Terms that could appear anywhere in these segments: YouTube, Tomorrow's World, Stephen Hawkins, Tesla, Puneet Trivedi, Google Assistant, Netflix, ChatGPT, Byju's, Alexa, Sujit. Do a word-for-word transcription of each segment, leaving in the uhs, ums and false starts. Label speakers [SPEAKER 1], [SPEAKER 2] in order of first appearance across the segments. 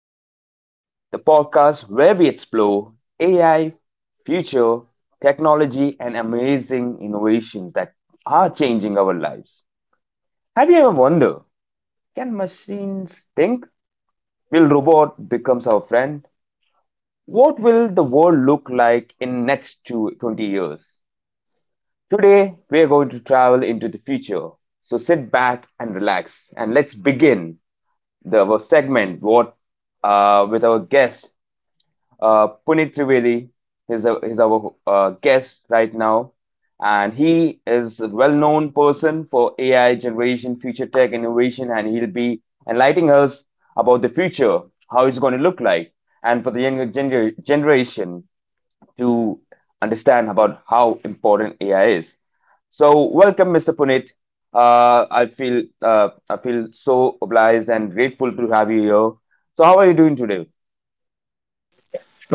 [SPEAKER 1] World, the podcast where we explore A I, future, technology, and amazing innovations that are changing our lives. Have you ever wondered, can machines think? Will robot becomes our friend? What will the world look like in next two twenty years? Today, we are going to travel into the future. So sit back and relax, and let's begin the our segment. What uh, with our guest Uh, Puneet Trivedi is, a, is our uh, guest right now, and he is a well-known person for A I generation, future tech innovation, and he'll be enlightening us about the future, how it's going to look like, and for the younger gener- generation to understand about how important A I is. So, welcome, mister Puneet. Uh, I feel uh, I feel so obliged and grateful to have you here. So, how are you doing today?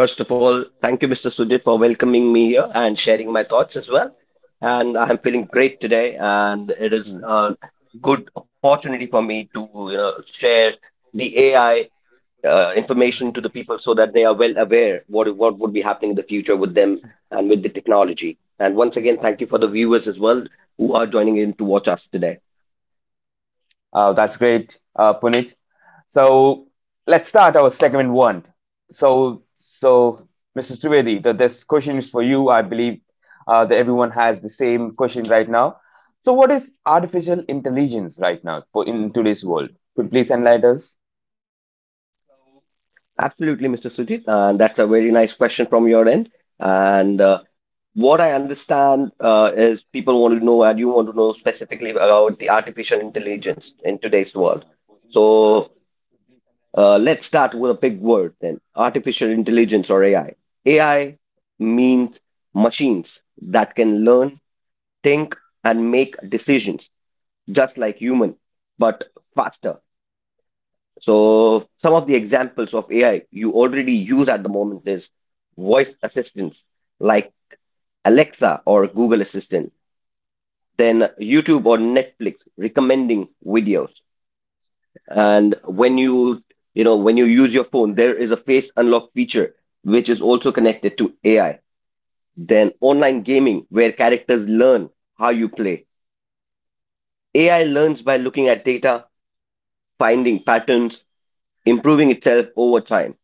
[SPEAKER 2] First of all, thank you, mister Sujit, for welcoming me here and sharing my thoughts as well. And I'm feeling great today, and it is
[SPEAKER 1] Hmm.
[SPEAKER 2] a good opportunity for me to you know share the A I uh, information to the people so that they are well aware what what would be happening in the future with them and with the technology. And once again, thank you for the viewers as well who are joining in to watch us today.
[SPEAKER 1] Uh, that's great, uh, Puneet. So let's start our segment one. So, so mister Trivedi, the, this question is for you. I believe uh, that everyone has the same question right now. So, what is artificial intelligence right now for in today's world? Could you please enlighten us?
[SPEAKER 2] Absolutely, mister Sujit, and that's a very nice question from your end. And uh, what I understand uh, is people want to know, and you want to know specifically about the artificial intelligence in today's world. So uh, let's start with a big word then, artificial intelligence or A I. A I means machines that can learn, think, and make decisions just like human, but faster. So some of the examples of A I you already use at the moment is voice assistants like Alexa or Google Assistant, then YouTube or Netflix recommending videos, and when you you know when you use your phone there is a face unlock feature which is also connected to AI, then online gaming where characters learn how you play. AI learns by looking at data, finding patterns, improving itself over time.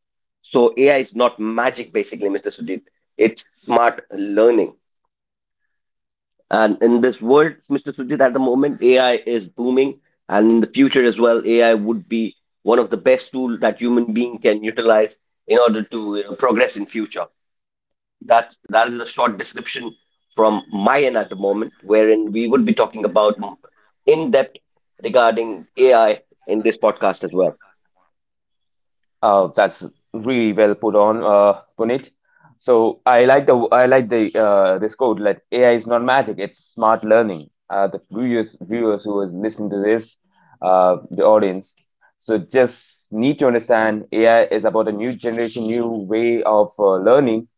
[SPEAKER 2] So AI is not magic, basically, Mr. Sudhir, it's smart learning. And in this world, mister Sujit, at the moment, A I is booming, and in the future as well, A I would be one of the best tool that human being can utilize in order to you know, progress in future. That's that is a short description from my end at the moment, wherein we would be talking about in depth regarding A I in this podcast as well.
[SPEAKER 1] Uh, that's really well put on, uh, Puneet. So I like the I like the uh, this quote, like, A I is not magic; it's smart learning. Uh, the viewers viewers who is listening to this, uh, the audience, so just need to understand A I is about a new generation, new way of uh, learning.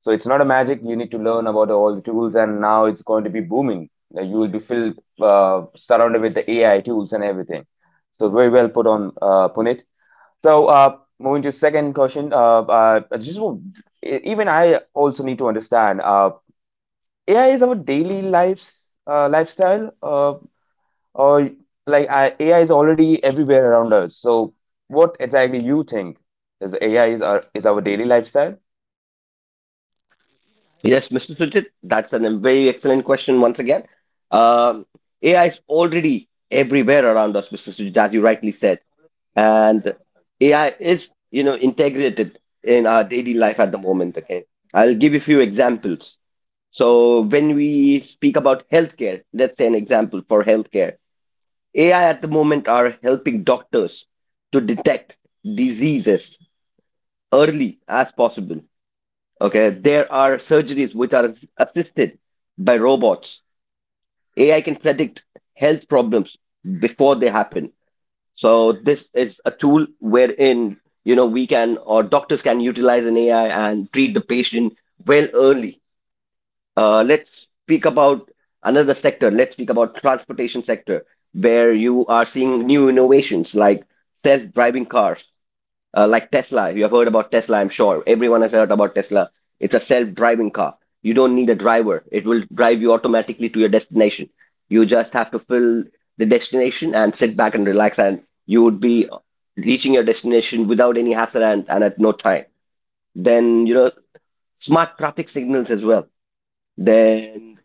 [SPEAKER 1] So it's not a magic. You need to learn about all the tools, and now it's going to be booming. Uh, You will be filled, uh, surrounded with the A I tools and everything. So very well put on, uh, Puneet. So, uh, moving to second question, uh, uh, I just want- e- even I also need to understand, uh, A I is our daily lives, uh, lifestyle, uh, or like I, A I is already everywhere around us. So, what exactly you think is A I is our is our daily lifestyle?
[SPEAKER 2] Yes, mister Sujit, that's a very excellent question once again. Um, A I is already everywhere around us, mister Sujit, as you rightly said. And A I is, you know, integrated in our daily life at the moment. Okay. I'll give you a few examples. So when we speak about healthcare, let's say an example for healthcare. A I at the moment are helping doctors to detect diseases early as possible. Okay, there are surgeries which are ass- assisted by robots. A I can predict health problems before they happen. So this is a tool wherein, you know, we can, or doctors can, utilize an A I and treat the patient well early. Uh, let's speak about another sector. Let's speak about transportation sector where you are seeing new innovations like self-driving cars, uh, like Tesla. You have heard about Tesla, I'm sure. Everyone has heard about Tesla. It's a self driving car. You don't need a driver, it will drive you automatically to your destination. You just have to fill the destination and sit back and relax, and you would be reaching your destination without any hassle, and, and at no time. Then, you know, smart traffic signals as well. Then,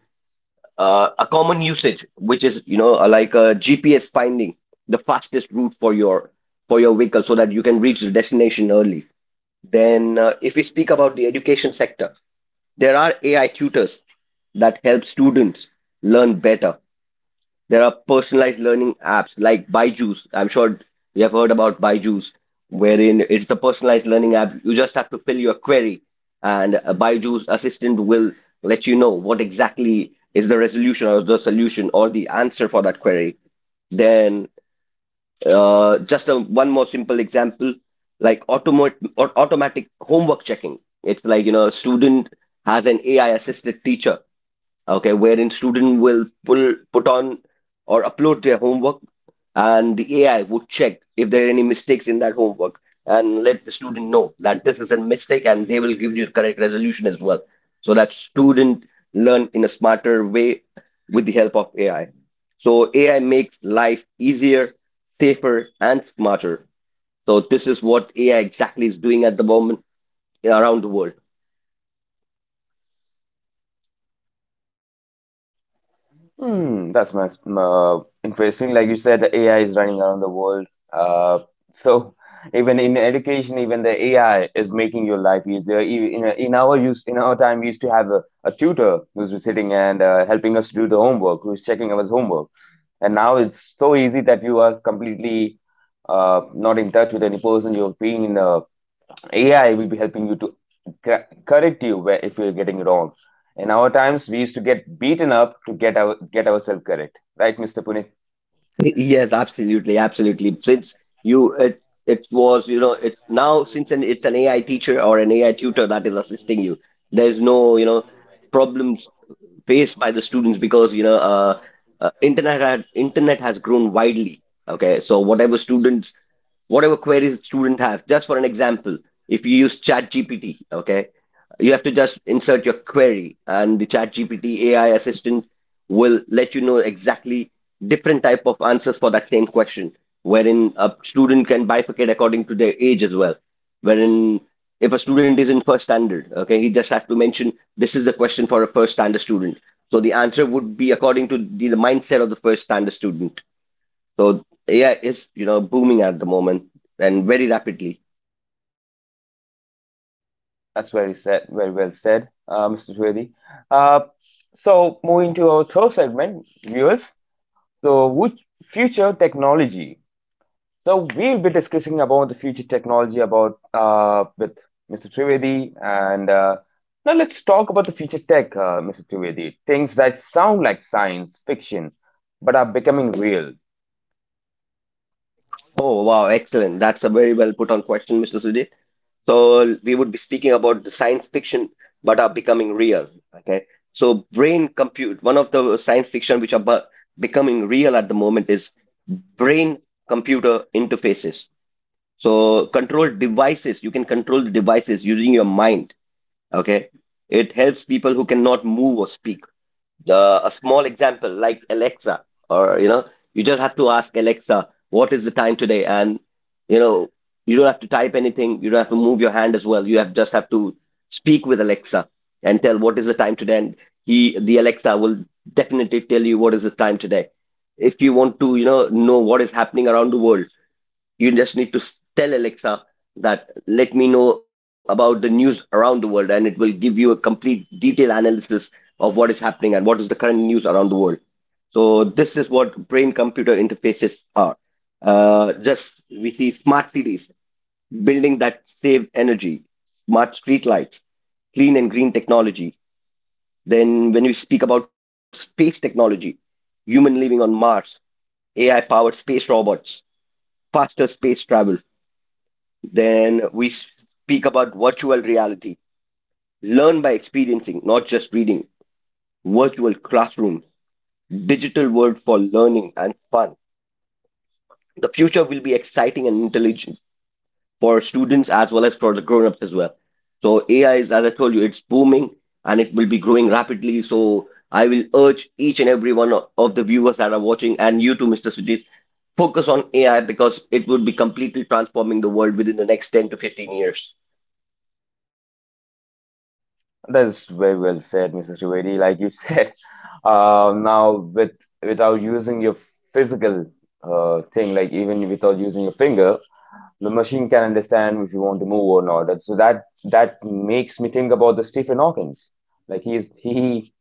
[SPEAKER 2] uh, a common usage, which is, you know, like a G P S finding the fastest route for your for your vehicle so that you can reach the destination early. Then, uh, if we speak about the education sector, there are A I tutors that help students learn better. There are personalized learning apps like Byju's. I'm sure you have heard about Byju's, wherein it's a personalized learning app. You just have to fill your query, and a Byju's assistant will let you know what exactly is the resolution or the solution or the answer for that query. Then. Uh, just a, one more simple example, like automat or automatic homework checking. It's like, you know, a student has an A I assisted teacher, okay, wherein student will pull put on or upload their homework, and the A I would check if there are any mistakes in that homework and let the student know that this is a mistake, and they will give you the correct resolution as well, so that student learn in a smarter way with the help of A I. So A I makes life easier, safer, and smarter. So this is what A I exactly is doing at the moment around the world.
[SPEAKER 1] Hmm, that's mas- uh, interesting. Like you said, the A I is running around the world. Uh, so even in education, even the A I is making your life easier. E- In, in our use, in our time, we used to have a, a tutor who's sitting and uh, helping us to do the homework, who's checking our homework. And now it's so easy that you are completely uh, not in touch with any person. You're being in a AI will be helping you to cor- correct you where if you're getting wrong. In our times, we used to get beaten up to get our get ourselves correct, right, mister Puneet?
[SPEAKER 2] Yes, absolutely, absolutely. Since you it it was you know it's now, since an, it's an A I teacher or an A I tutor that is assisting you. There's no, you know, problems faced by the students because you know uh, uh, internet had, internet has grown widely. Okay, so whatever students whatever queries student have, just for an example, if you use chat G P T okay, you have to just insert your query and the chat G P T A I assistant will let you know exactly different type of answers for that same question, wherein a student can bifurcate according to their age as well, wherein if a student is in first standard, okay, he just have to mention this is the question for a first standard student, so the answer would be according to the, the mindset of the first standard student. So AI is, you know, booming at the moment and very rapidly.
[SPEAKER 1] That's very said, very well said, uh, mister Swedi. Uh, so moving to our third segment, viewers. So, which future technology So we'll be discussing about the future technology about uh, with mister Trivedi, and uh, now let's talk about the future tech, uh, mister Trivedi. Things that sound like science fiction but are becoming real.
[SPEAKER 2] Oh wow, excellent, that's a very well put on question, Mr. Sudhir. So we would be speaking about the science fiction, but are becoming real. Okay. So brain compute. One of the science fiction which are bu- becoming real at the moment is brain computer interfaces. So control devices. You can control the devices using your mind. Okay. It helps people who cannot move or speak. Uh, a small example like Alexa, or, you know, you just have to ask Alexa, what is the time today? And, you know, you don't have to type anything. You don't have to move your hand as well. You have just have to speak with Alexa and tell what is the time today, and he, the Alexa, will definitely tell you what is the time today. If you want to, you know, know what is happening around the world, you just need to s- tell Alexa that let me know about the news around the world and it will give you a complete detailed analysis of what is happening and what is the current news around the world. So this is what brain computer interfaces are. Uh, just we see smart cities, building that save energy, smart street lights, clean and green technology. Then when we speak about space technology, human living on Mars, AI powered space robots, faster space travel. Then we speak about virtual reality. Learn by experiencing, not just reading. Virtual classrooms, digital world for learning and fun. The future will be exciting and intelligent for students as well as for the grown-ups as well. So A I is, as I told you, it's booming and it will be growing rapidly. So I will urge each and every one o- of the viewers that are watching and you too, mister Sujit, focus on A I because it would be completely transforming the world within the next ten to fifteen years.
[SPEAKER 1] That's very well said, mister Trivedi. Like you said, uh, now with without using your physical uh, thing, like even without using your finger, the machine can understand if you want to move or not. That- So that that makes me think about the Stephen Hawkins, like he's he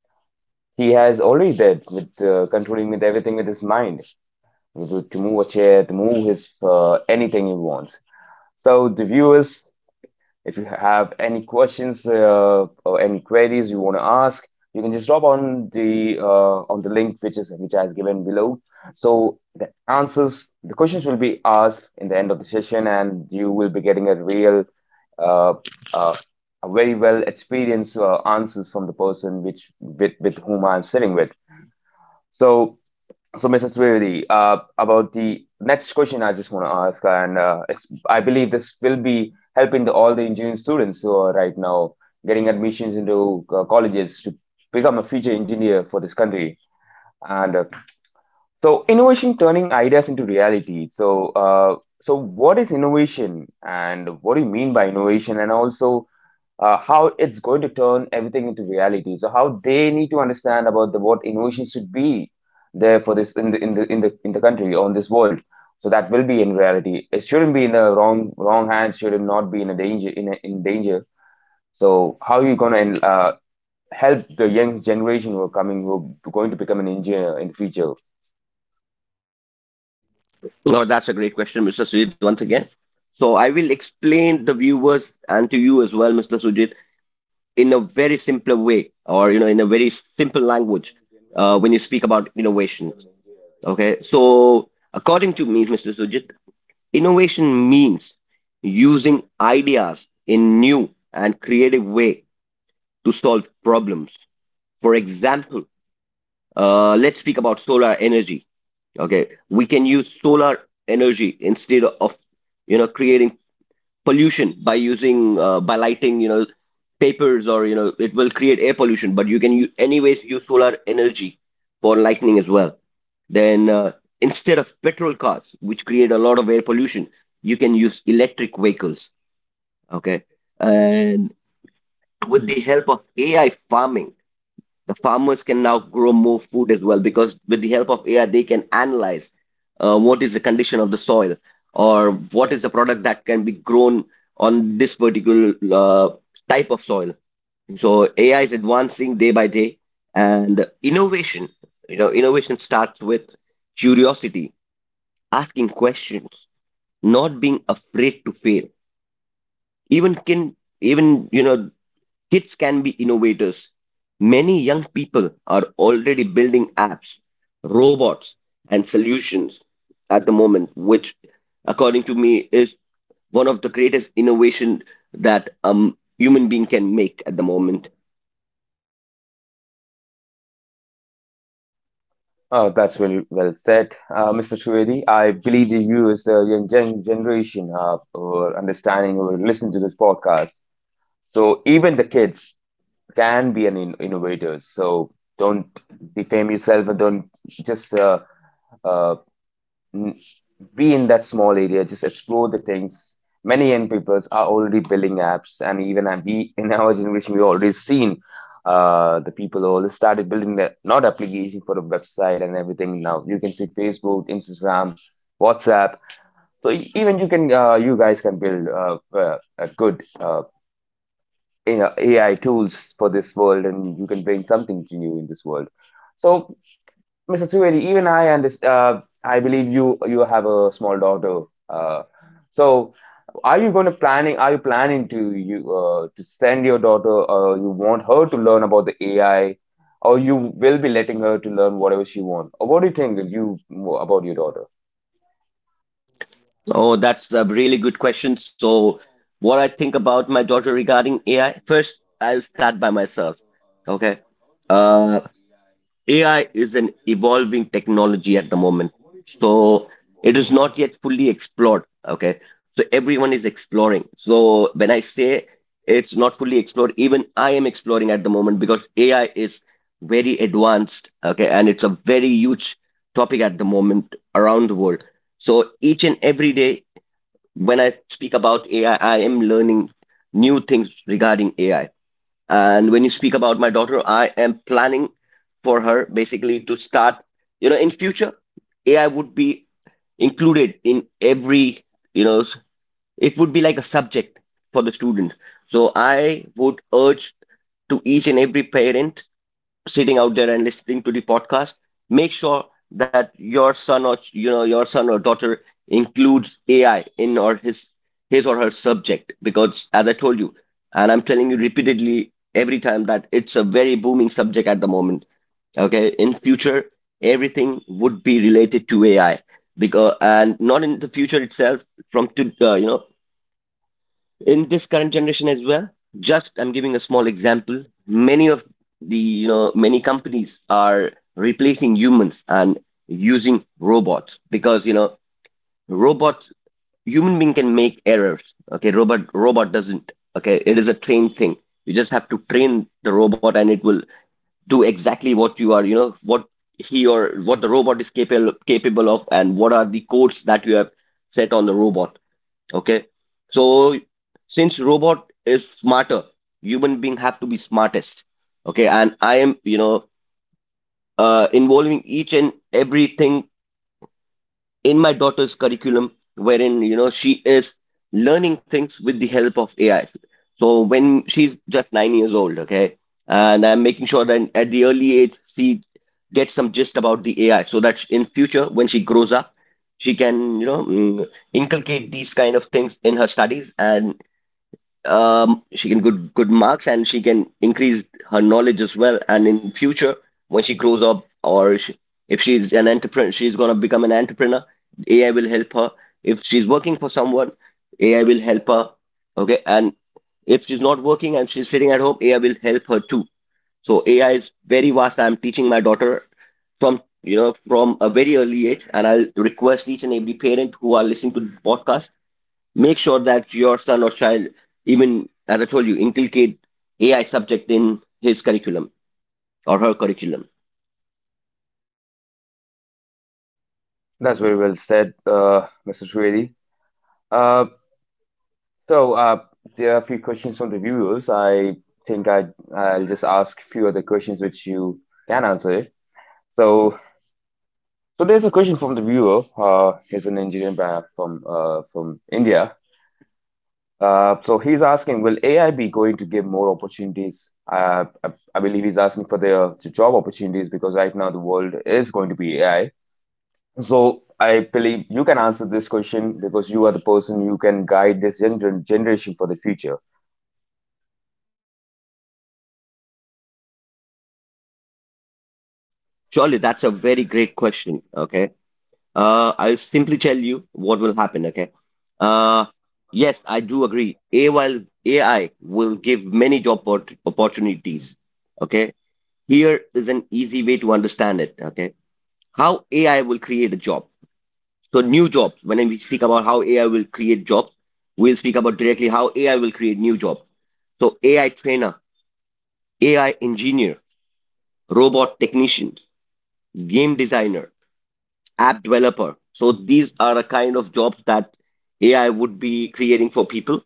[SPEAKER 1] he has already did with uh, controlling with everything with his mind, with- to move a chair, to move his uh, anything he wants. So the viewers, if you have any questions uh, or any queries you want to ask, you can just drop on the uh, on the link which is which I has given below. So the answers, the questions will be asked in the end of the session, and you will be getting a real uh, uh, a very well experienced uh, answers from the person which with, with whom I'm sitting with. So, so mister Trivedi, uh, about the next question I just want to ask, and uh, it's, I believe this will be helping the, all the engineering students who are right now getting admissions into uh, colleges to become a future engineer for this country. And uh, so, innovation turning ideas into reality. So, uh, so what is innovation, and what do you mean by innovation? And also, uh, how it's going to turn everything into reality. So how they need to understand about the what innovation should be there for this in the in the in the in the country or in this world. So that will be in reality. It shouldn't be in the wrong wrong hands. Shouldn't be in a danger in a, in danger. So how you gonna uh, help the young generation who are coming who are going to become an engineer in future?
[SPEAKER 2] No, that's a great question, mister Sujit, once again. So I will explain the viewers and to you as well, mister Sujit, in a very simpler way or, you know, in a very simple language uh, when you speak about innovation. Okay. So according to me, mister Sujit, innovation means using ideas in new and creative way to solve problems. For example, uh, let's speak about solar energy, okay, we can use solar energy instead of, you know, creating pollution by using uh, by lighting, you know, papers, or, you know, it will create air pollution, but you can u- anyways use solar energy for lighting as well. Then uh, instead of petrol cars which create a lot of air pollution, you can use electric vehicles, okay, and with the help of AI farming, the farmers can now grow more food as well because with the help of A I, they can analyze uh, what is the condition of the soil or what is the product that can be grown on this particular uh, type of soil. So A I is advancing day by day, and innovation. You know, innovation starts with curiosity, asking questions, not being afraid to fail. Even can even you know Kids can be innovators. Many young people are already building apps, robots, and solutions at the moment, which, according to me, is one of the greatest innovation that um human being can make at the moment.
[SPEAKER 1] Oh, that's really well said, uh, mister Trivedi. I believe that you, as the young gen generation, uh, or understanding or listen to this podcast. So even the kids can be an in innovators. So don't defame yourself and don't just uh, uh, n- be in that small area. Just explore the things. Many young peoples are already building apps, and even uh, we in our generation we already seen uh, the people who already started building the not application for a website and everything. Now you can see Facebook, Instagram, WhatsApp. So e- even you can uh, you guys can build uh, uh, a good uh, you know A I tools for this world, and you can bring something to new in this world. So, mister Trivedi, even I and this, uh, I believe you you have a small daughter. Uh, so, are you going to planning? Are you planning to you uh, to send your daughter? Uh, you want her to learn about the A I, or you will be letting her to learn whatever she wants? Or what do you think that you about your daughter?
[SPEAKER 2] Oh, that's a really good question. So, what I think about my daughter regarding A I, first, I'll start by myself. Okay. Uh, A I is an evolving technology at the moment. So it is not yet fully explored. Okay. So everyone is exploring. So when I say it's not fully explored, even I am exploring at the moment because A I is very advanced. Okay. And it's a very huge topic at the moment around the world. So each and every day, when I speak about A I, I I am learning new things regarding A I. And when you speak about my daughter, I am planning for her basically to start, you know, in future, A I would be included in every, you know, it would be like a subject for the student. So I would urge to each and every parent sitting out there and listening to the podcast, make sure that your son or, you know your son or daughter includes AI in, or his his or her subject. Because as I told you, and I'm telling you repeatedly every time, that it's a very booming subject at the moment. Okay, in future everything would be related to AI. Because, and not in the future itself, from, to uh, you know in this current generation as well. Just I'm giving a small example. Many of the, you know many companies are replacing humans and using robots, because you know, robots, human being can make errors. Okay, robot robot doesn't. Okay, it is a trained thing. You just have to train the robot and it will do exactly what you are, you know, what he or what the robot is capable capable of, and what are the codes that you have set on the robot. Okay. So since robot is smarter, human being have to be smartest. Okay. And I am, you know, uh, involving each and everything in my daughter's curriculum, wherein, you know, she is learning things with the help of A I. So when she's just nine years old, okay, and I'm making sure that at the early age, she gets some gist about the A I so that in future, when she grows up, she can, you know, mm, inculcate these kind of things in her studies, and um, she can good good marks, and she can increase her knowledge as well. And in future, when she grows up, or she, if she's an entrepreneur, she's gonna become an entrepreneur, A I will help her. If she's working for someone, A I will help her. Okay, and if she's not working and she's sitting at home, A I will help her too. So A I is very vast. I'm teaching my daughter from, you know from a very early age, and I'll request each and every parent who are listening to the podcast, make sure that your son or child, even as I told you, inculcate AI subject in his curriculum or her curriculum.
[SPEAKER 1] That's very well said, uh, mister Trivedi. Uh, So, uh, there are a few questions from the viewers. I think I I'll just ask a few other questions which you can answer it. So, so there's a question from the viewer. Uh, he's an engineer by- from uh, from India. Uh, so he's asking, will A I be going to give more opportunities? Uh, I, I believe he's asking for the job opportunities because right now the world is going to be A I. So I believe you can answer this question because you are the person who can guide this gener generation for the future.
[SPEAKER 2] Surely, that's a very great question. Okay, uh, I'll simply tell you what will happen. Okay. uh, yes, I do agree, ai will, A I will give many job oppor- opportunities. Okay, here is an easy way to understand it. Okay, how AI will create a job. So new jobs, when we speak about how A I will create jobs, we'll speak about directly how A I will create new jobs. So A I trainer, A I engineer, robot technician, game designer, app developer. So these are a kind of jobs that A I would be creating for people.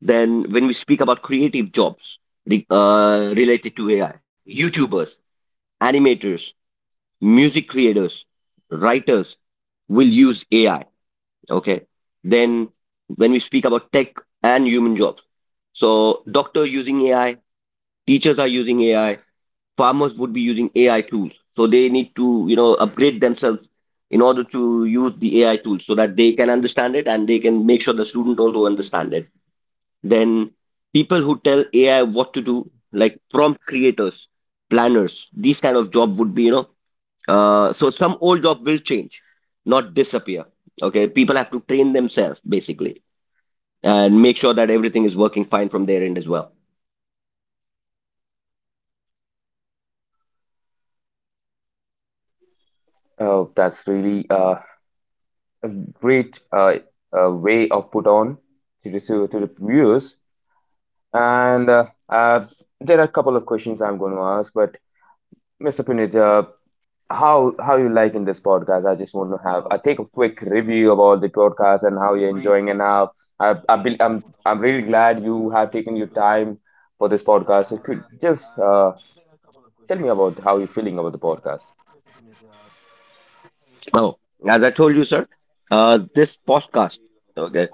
[SPEAKER 2] Then when we speak about creative jobs re- uh, related to A I, YouTubers, animators, music creators, writers will use A I. Okay. Then when we speak about tech and human jobs, so doctor using A I, teachers are using A I, farmers would be using A I tools. So they need to, you know, upgrade themselves in order to use the A I tools so that they can understand it and they can make sure the student also understand it. Then people who tell A I what to do, like prompt creators, planners, these kind of job would be, you know, uh, so some old job will change, not disappear. Okay, people have to train themselves basically and make sure that everything is working fine from their end as well.
[SPEAKER 1] Oh, that's really uh, a great uh, uh, way of put on to the to, the viewers. And uh, uh, there are a couple of questions I'm going to ask, but mister Puneet, uh, how how you liking this podcast? I just want to have I take a quick review of all the podcast and how you're enjoying and how I, I be, I'm I'm really glad you have taken your time for this podcast. So could just uh, tell me about how you're feeling about the podcast.
[SPEAKER 2] Oh, as I told you, sir, uh, this podcast. Okay.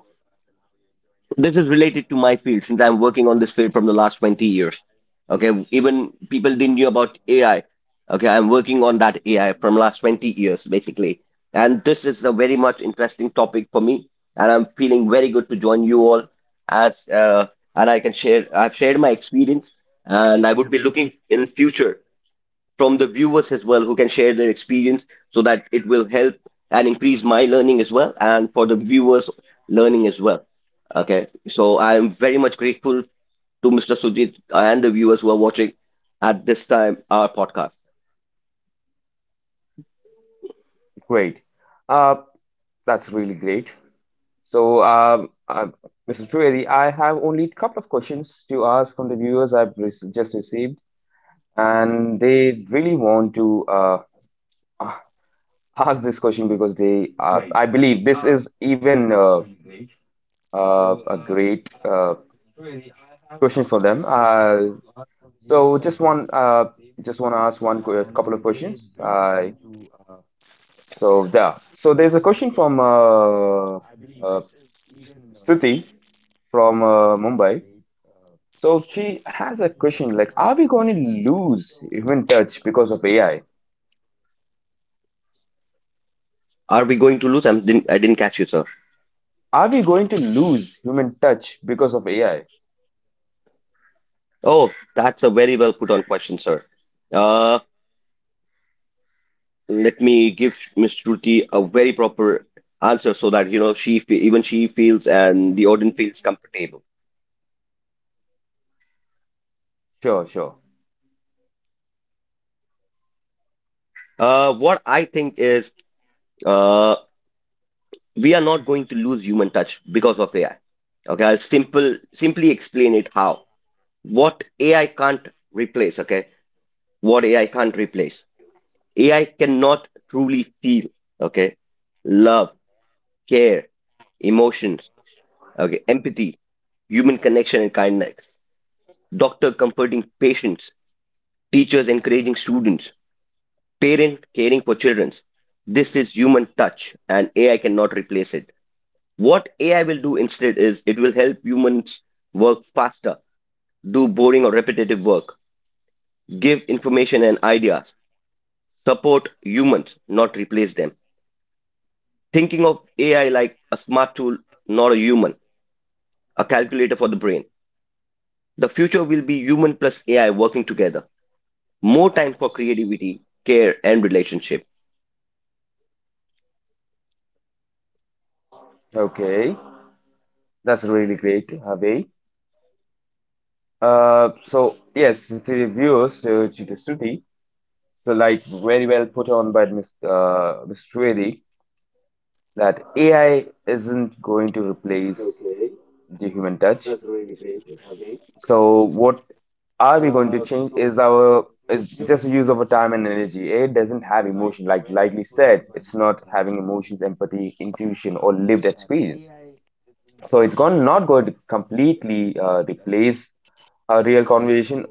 [SPEAKER 2] This is related to my field, since I'm working on this field from the last twenty years. Okay, even people didn't know about A I. Okay, I'm working on that A I from last twenty years basically. And this is a very much interesting topic for me, and I'm feeling very good to join you all as, uh, and I can share, I've shared my experience, and I would be looking in future from the viewers as well who can share their experience so that it will help and increase my learning as well, and for the viewers learning as well. Okay, so I am very much grateful to Mr. Sujit and the viewers who are watching at this time our podcast.
[SPEAKER 1] Great. Uh, that's really great. So, um, uh, missus Trivedi, I have only a couple of questions to ask from the viewers I've re just received, and they really want to uh, a- ask this question because they, uh, I believe, this is even uh, uh, a great uh, question for them. Uh, so, just one, uh, just want to ask one qu- a couple of questions. I so Yeah. So there's a question from uh, uh, Stuti from uh, Mumbai. So she has a question like, are we going to lose human touch because of A I?
[SPEAKER 2] Are we going to lose? I didn't i didn't catch you, sir.
[SPEAKER 1] Are we going to lose human touch because of A I?
[SPEAKER 2] Oh, that's a very well put on question, sir. uh Let me give Miss Shruti a very proper answer so that, you know, she fe- even she feels and the audience feels comfortable.
[SPEAKER 1] Sure, sure.
[SPEAKER 2] Uh, what I think is, uh, we are not going to lose human touch because of A I. Okay, I'll simple simply explain it how, what A I can't replace. Okay, what A I can't replace. A I cannot truly feel. Okay, love, care, emotions. Okay, empathy, human connection and kindness. Doctor comforting patients, teachers encouraging students, parent caring for children. This is human touch, and A I cannot replace it. What A I will do instead is it will help humans work faster, do boring or repetitive work, give information and ideas, support humans, not replace them. Thinking of A I like a smart tool, not a human, a calculator for the brain. The future will be human plus A I working together. More time for creativity, care, and relationship.
[SPEAKER 1] Okay, that's really great, Harvey. Uh, so yes, to the viewers, so to the Shruti, so like very well put on by Miss uh, Miss Shruti, that A I isn't going to replace the human touch. So what are we going to change is our is just use of our time and energy. It doesn't have emotion, like likely said, it's not having emotions, empathy, intuition, or lived experience. So it's gone not going to completely uh, replace a real conversation.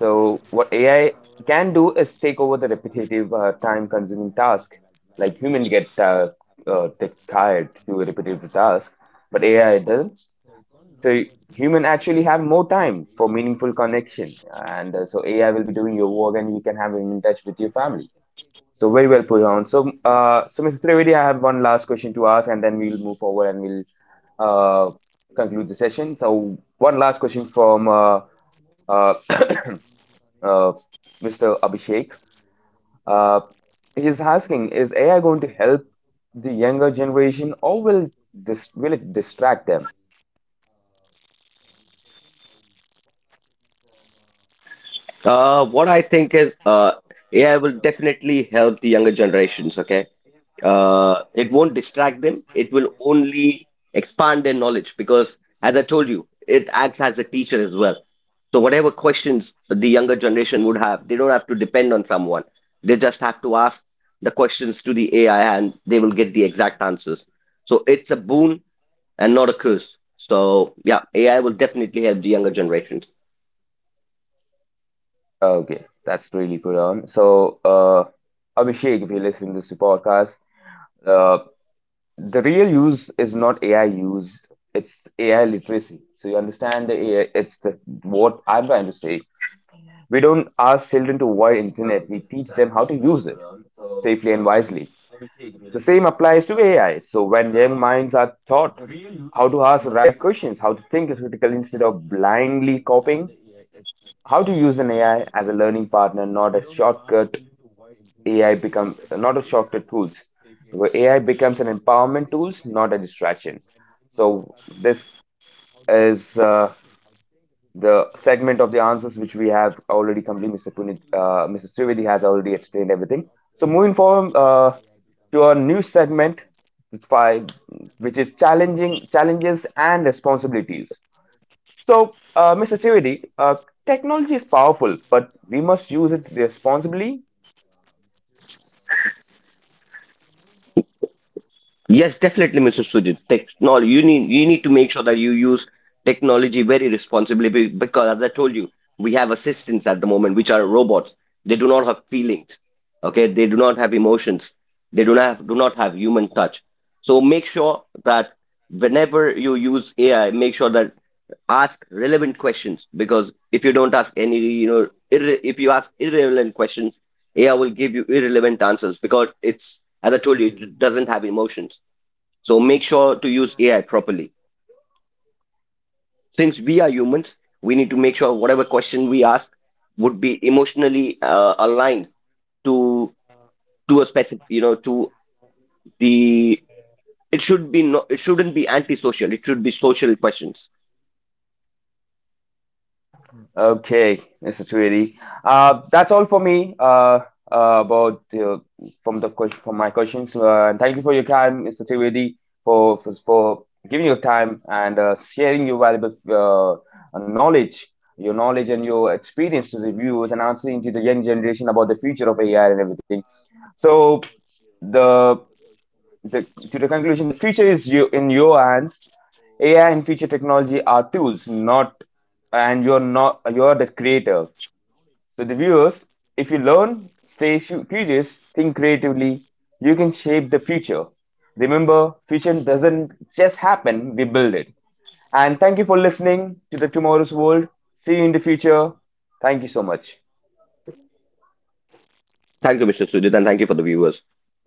[SPEAKER 1] So what A I can do is take over the repetitive, uh, time-consuming task. Like human get uh, uh, get tired to repetitive task, but A I doesn't, so human actually have more time for meaningful connection, and uh, so AI will be doing your work and you can have him in touch with your family. So very well put on. So uh, so Mr. Trivedi, I have one last question to ask, and then we will move forward and we'll uh, conclude the session. So one last question from uh, uh, uh, Mr. Abhishek. uh, he's asking, is AI going to help the younger generation, or will this will it distract them?
[SPEAKER 2] Uh, what I think is, uh, A I will definitely help the younger generations. Okay, uh, it won't distract them. It will only expand their knowledge because, as I told you, it acts as a teacher as well. So whatever questions the younger generation would have, they don't have to depend on someone. They just have to ask the questions to the A I and they will get the exact answers. So it's a boon and not a curse. So yeah, A I will definitely help the younger generation.
[SPEAKER 1] Okay, that's really good on. So, uh, Abhishek, if you listen to this podcast, uh, the real use is not A I use, it's A I literacy. So you understand the A I, it's the what I'm trying to say. We don't ask children to avoid internet, we teach them how to use it safely and wisely. The same applies to A I. So when young minds are taught how to ask the right questions, how to think critically instead of blindly copying, how to use an A I as a learning partner, not a shortcut. A I become not a shortcut tools. Where A I becomes an empowerment tools, not a distraction. So this is uh, the segment of the answers which we have already completed. mister Punit, uh, mister Trivedi has already explained everything. So moving forward uh, to our new segment, which which is challenging challenges and responsibilities. So, uh, mister Trivedi, uh, technology is powerful, but we must use it responsibly.
[SPEAKER 2] Yes, definitely, Mister Sujit. Technology, you need you need to make sure that you use technology very responsibly, be- because, as I told you, we have assistants at the moment which are robots. They do not have feelings. Okay, they do not have emotions. They do not have, do not have human touch. So make sure that whenever you use A I, make sure that ask relevant questions. Because if you don't ask any, you know, irre- if you ask irrelevant questions, A I will give you irrelevant answers, because it's, as I told you, it doesn't have emotions. So make sure to use A I properly. Since we are humans, we need to make sure whatever question we ask would be emotionally uh, aligned to to a specific, you know, to the. It should be no, it shouldn't be antisocial. It should be social questions.
[SPEAKER 1] Okay, mister Tweedy. Uh, that's all for me uh, uh, about uh, from the question from my questions. Uh, and thank you for your time, mister Tweedy, for, for for giving your time and uh, sharing your valuable uh, knowledge, your knowledge and your experience to the viewers and answering to the young generation about the future of A I and everything. So the the, to the conclusion, the future is you in your hands. A I and future technology are tools, not and you're not you're the creator. So the viewers, if you learn, stay su- curious, think creatively, you can shape the future. Remember, future doesn't just happen; we build it. And thank you for listening to the Tomorrow's World. See you in the future. Thank you so much.
[SPEAKER 2] Thank you, Mister Sudhir, and thank you for the viewers.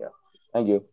[SPEAKER 1] Yeah. Thank you.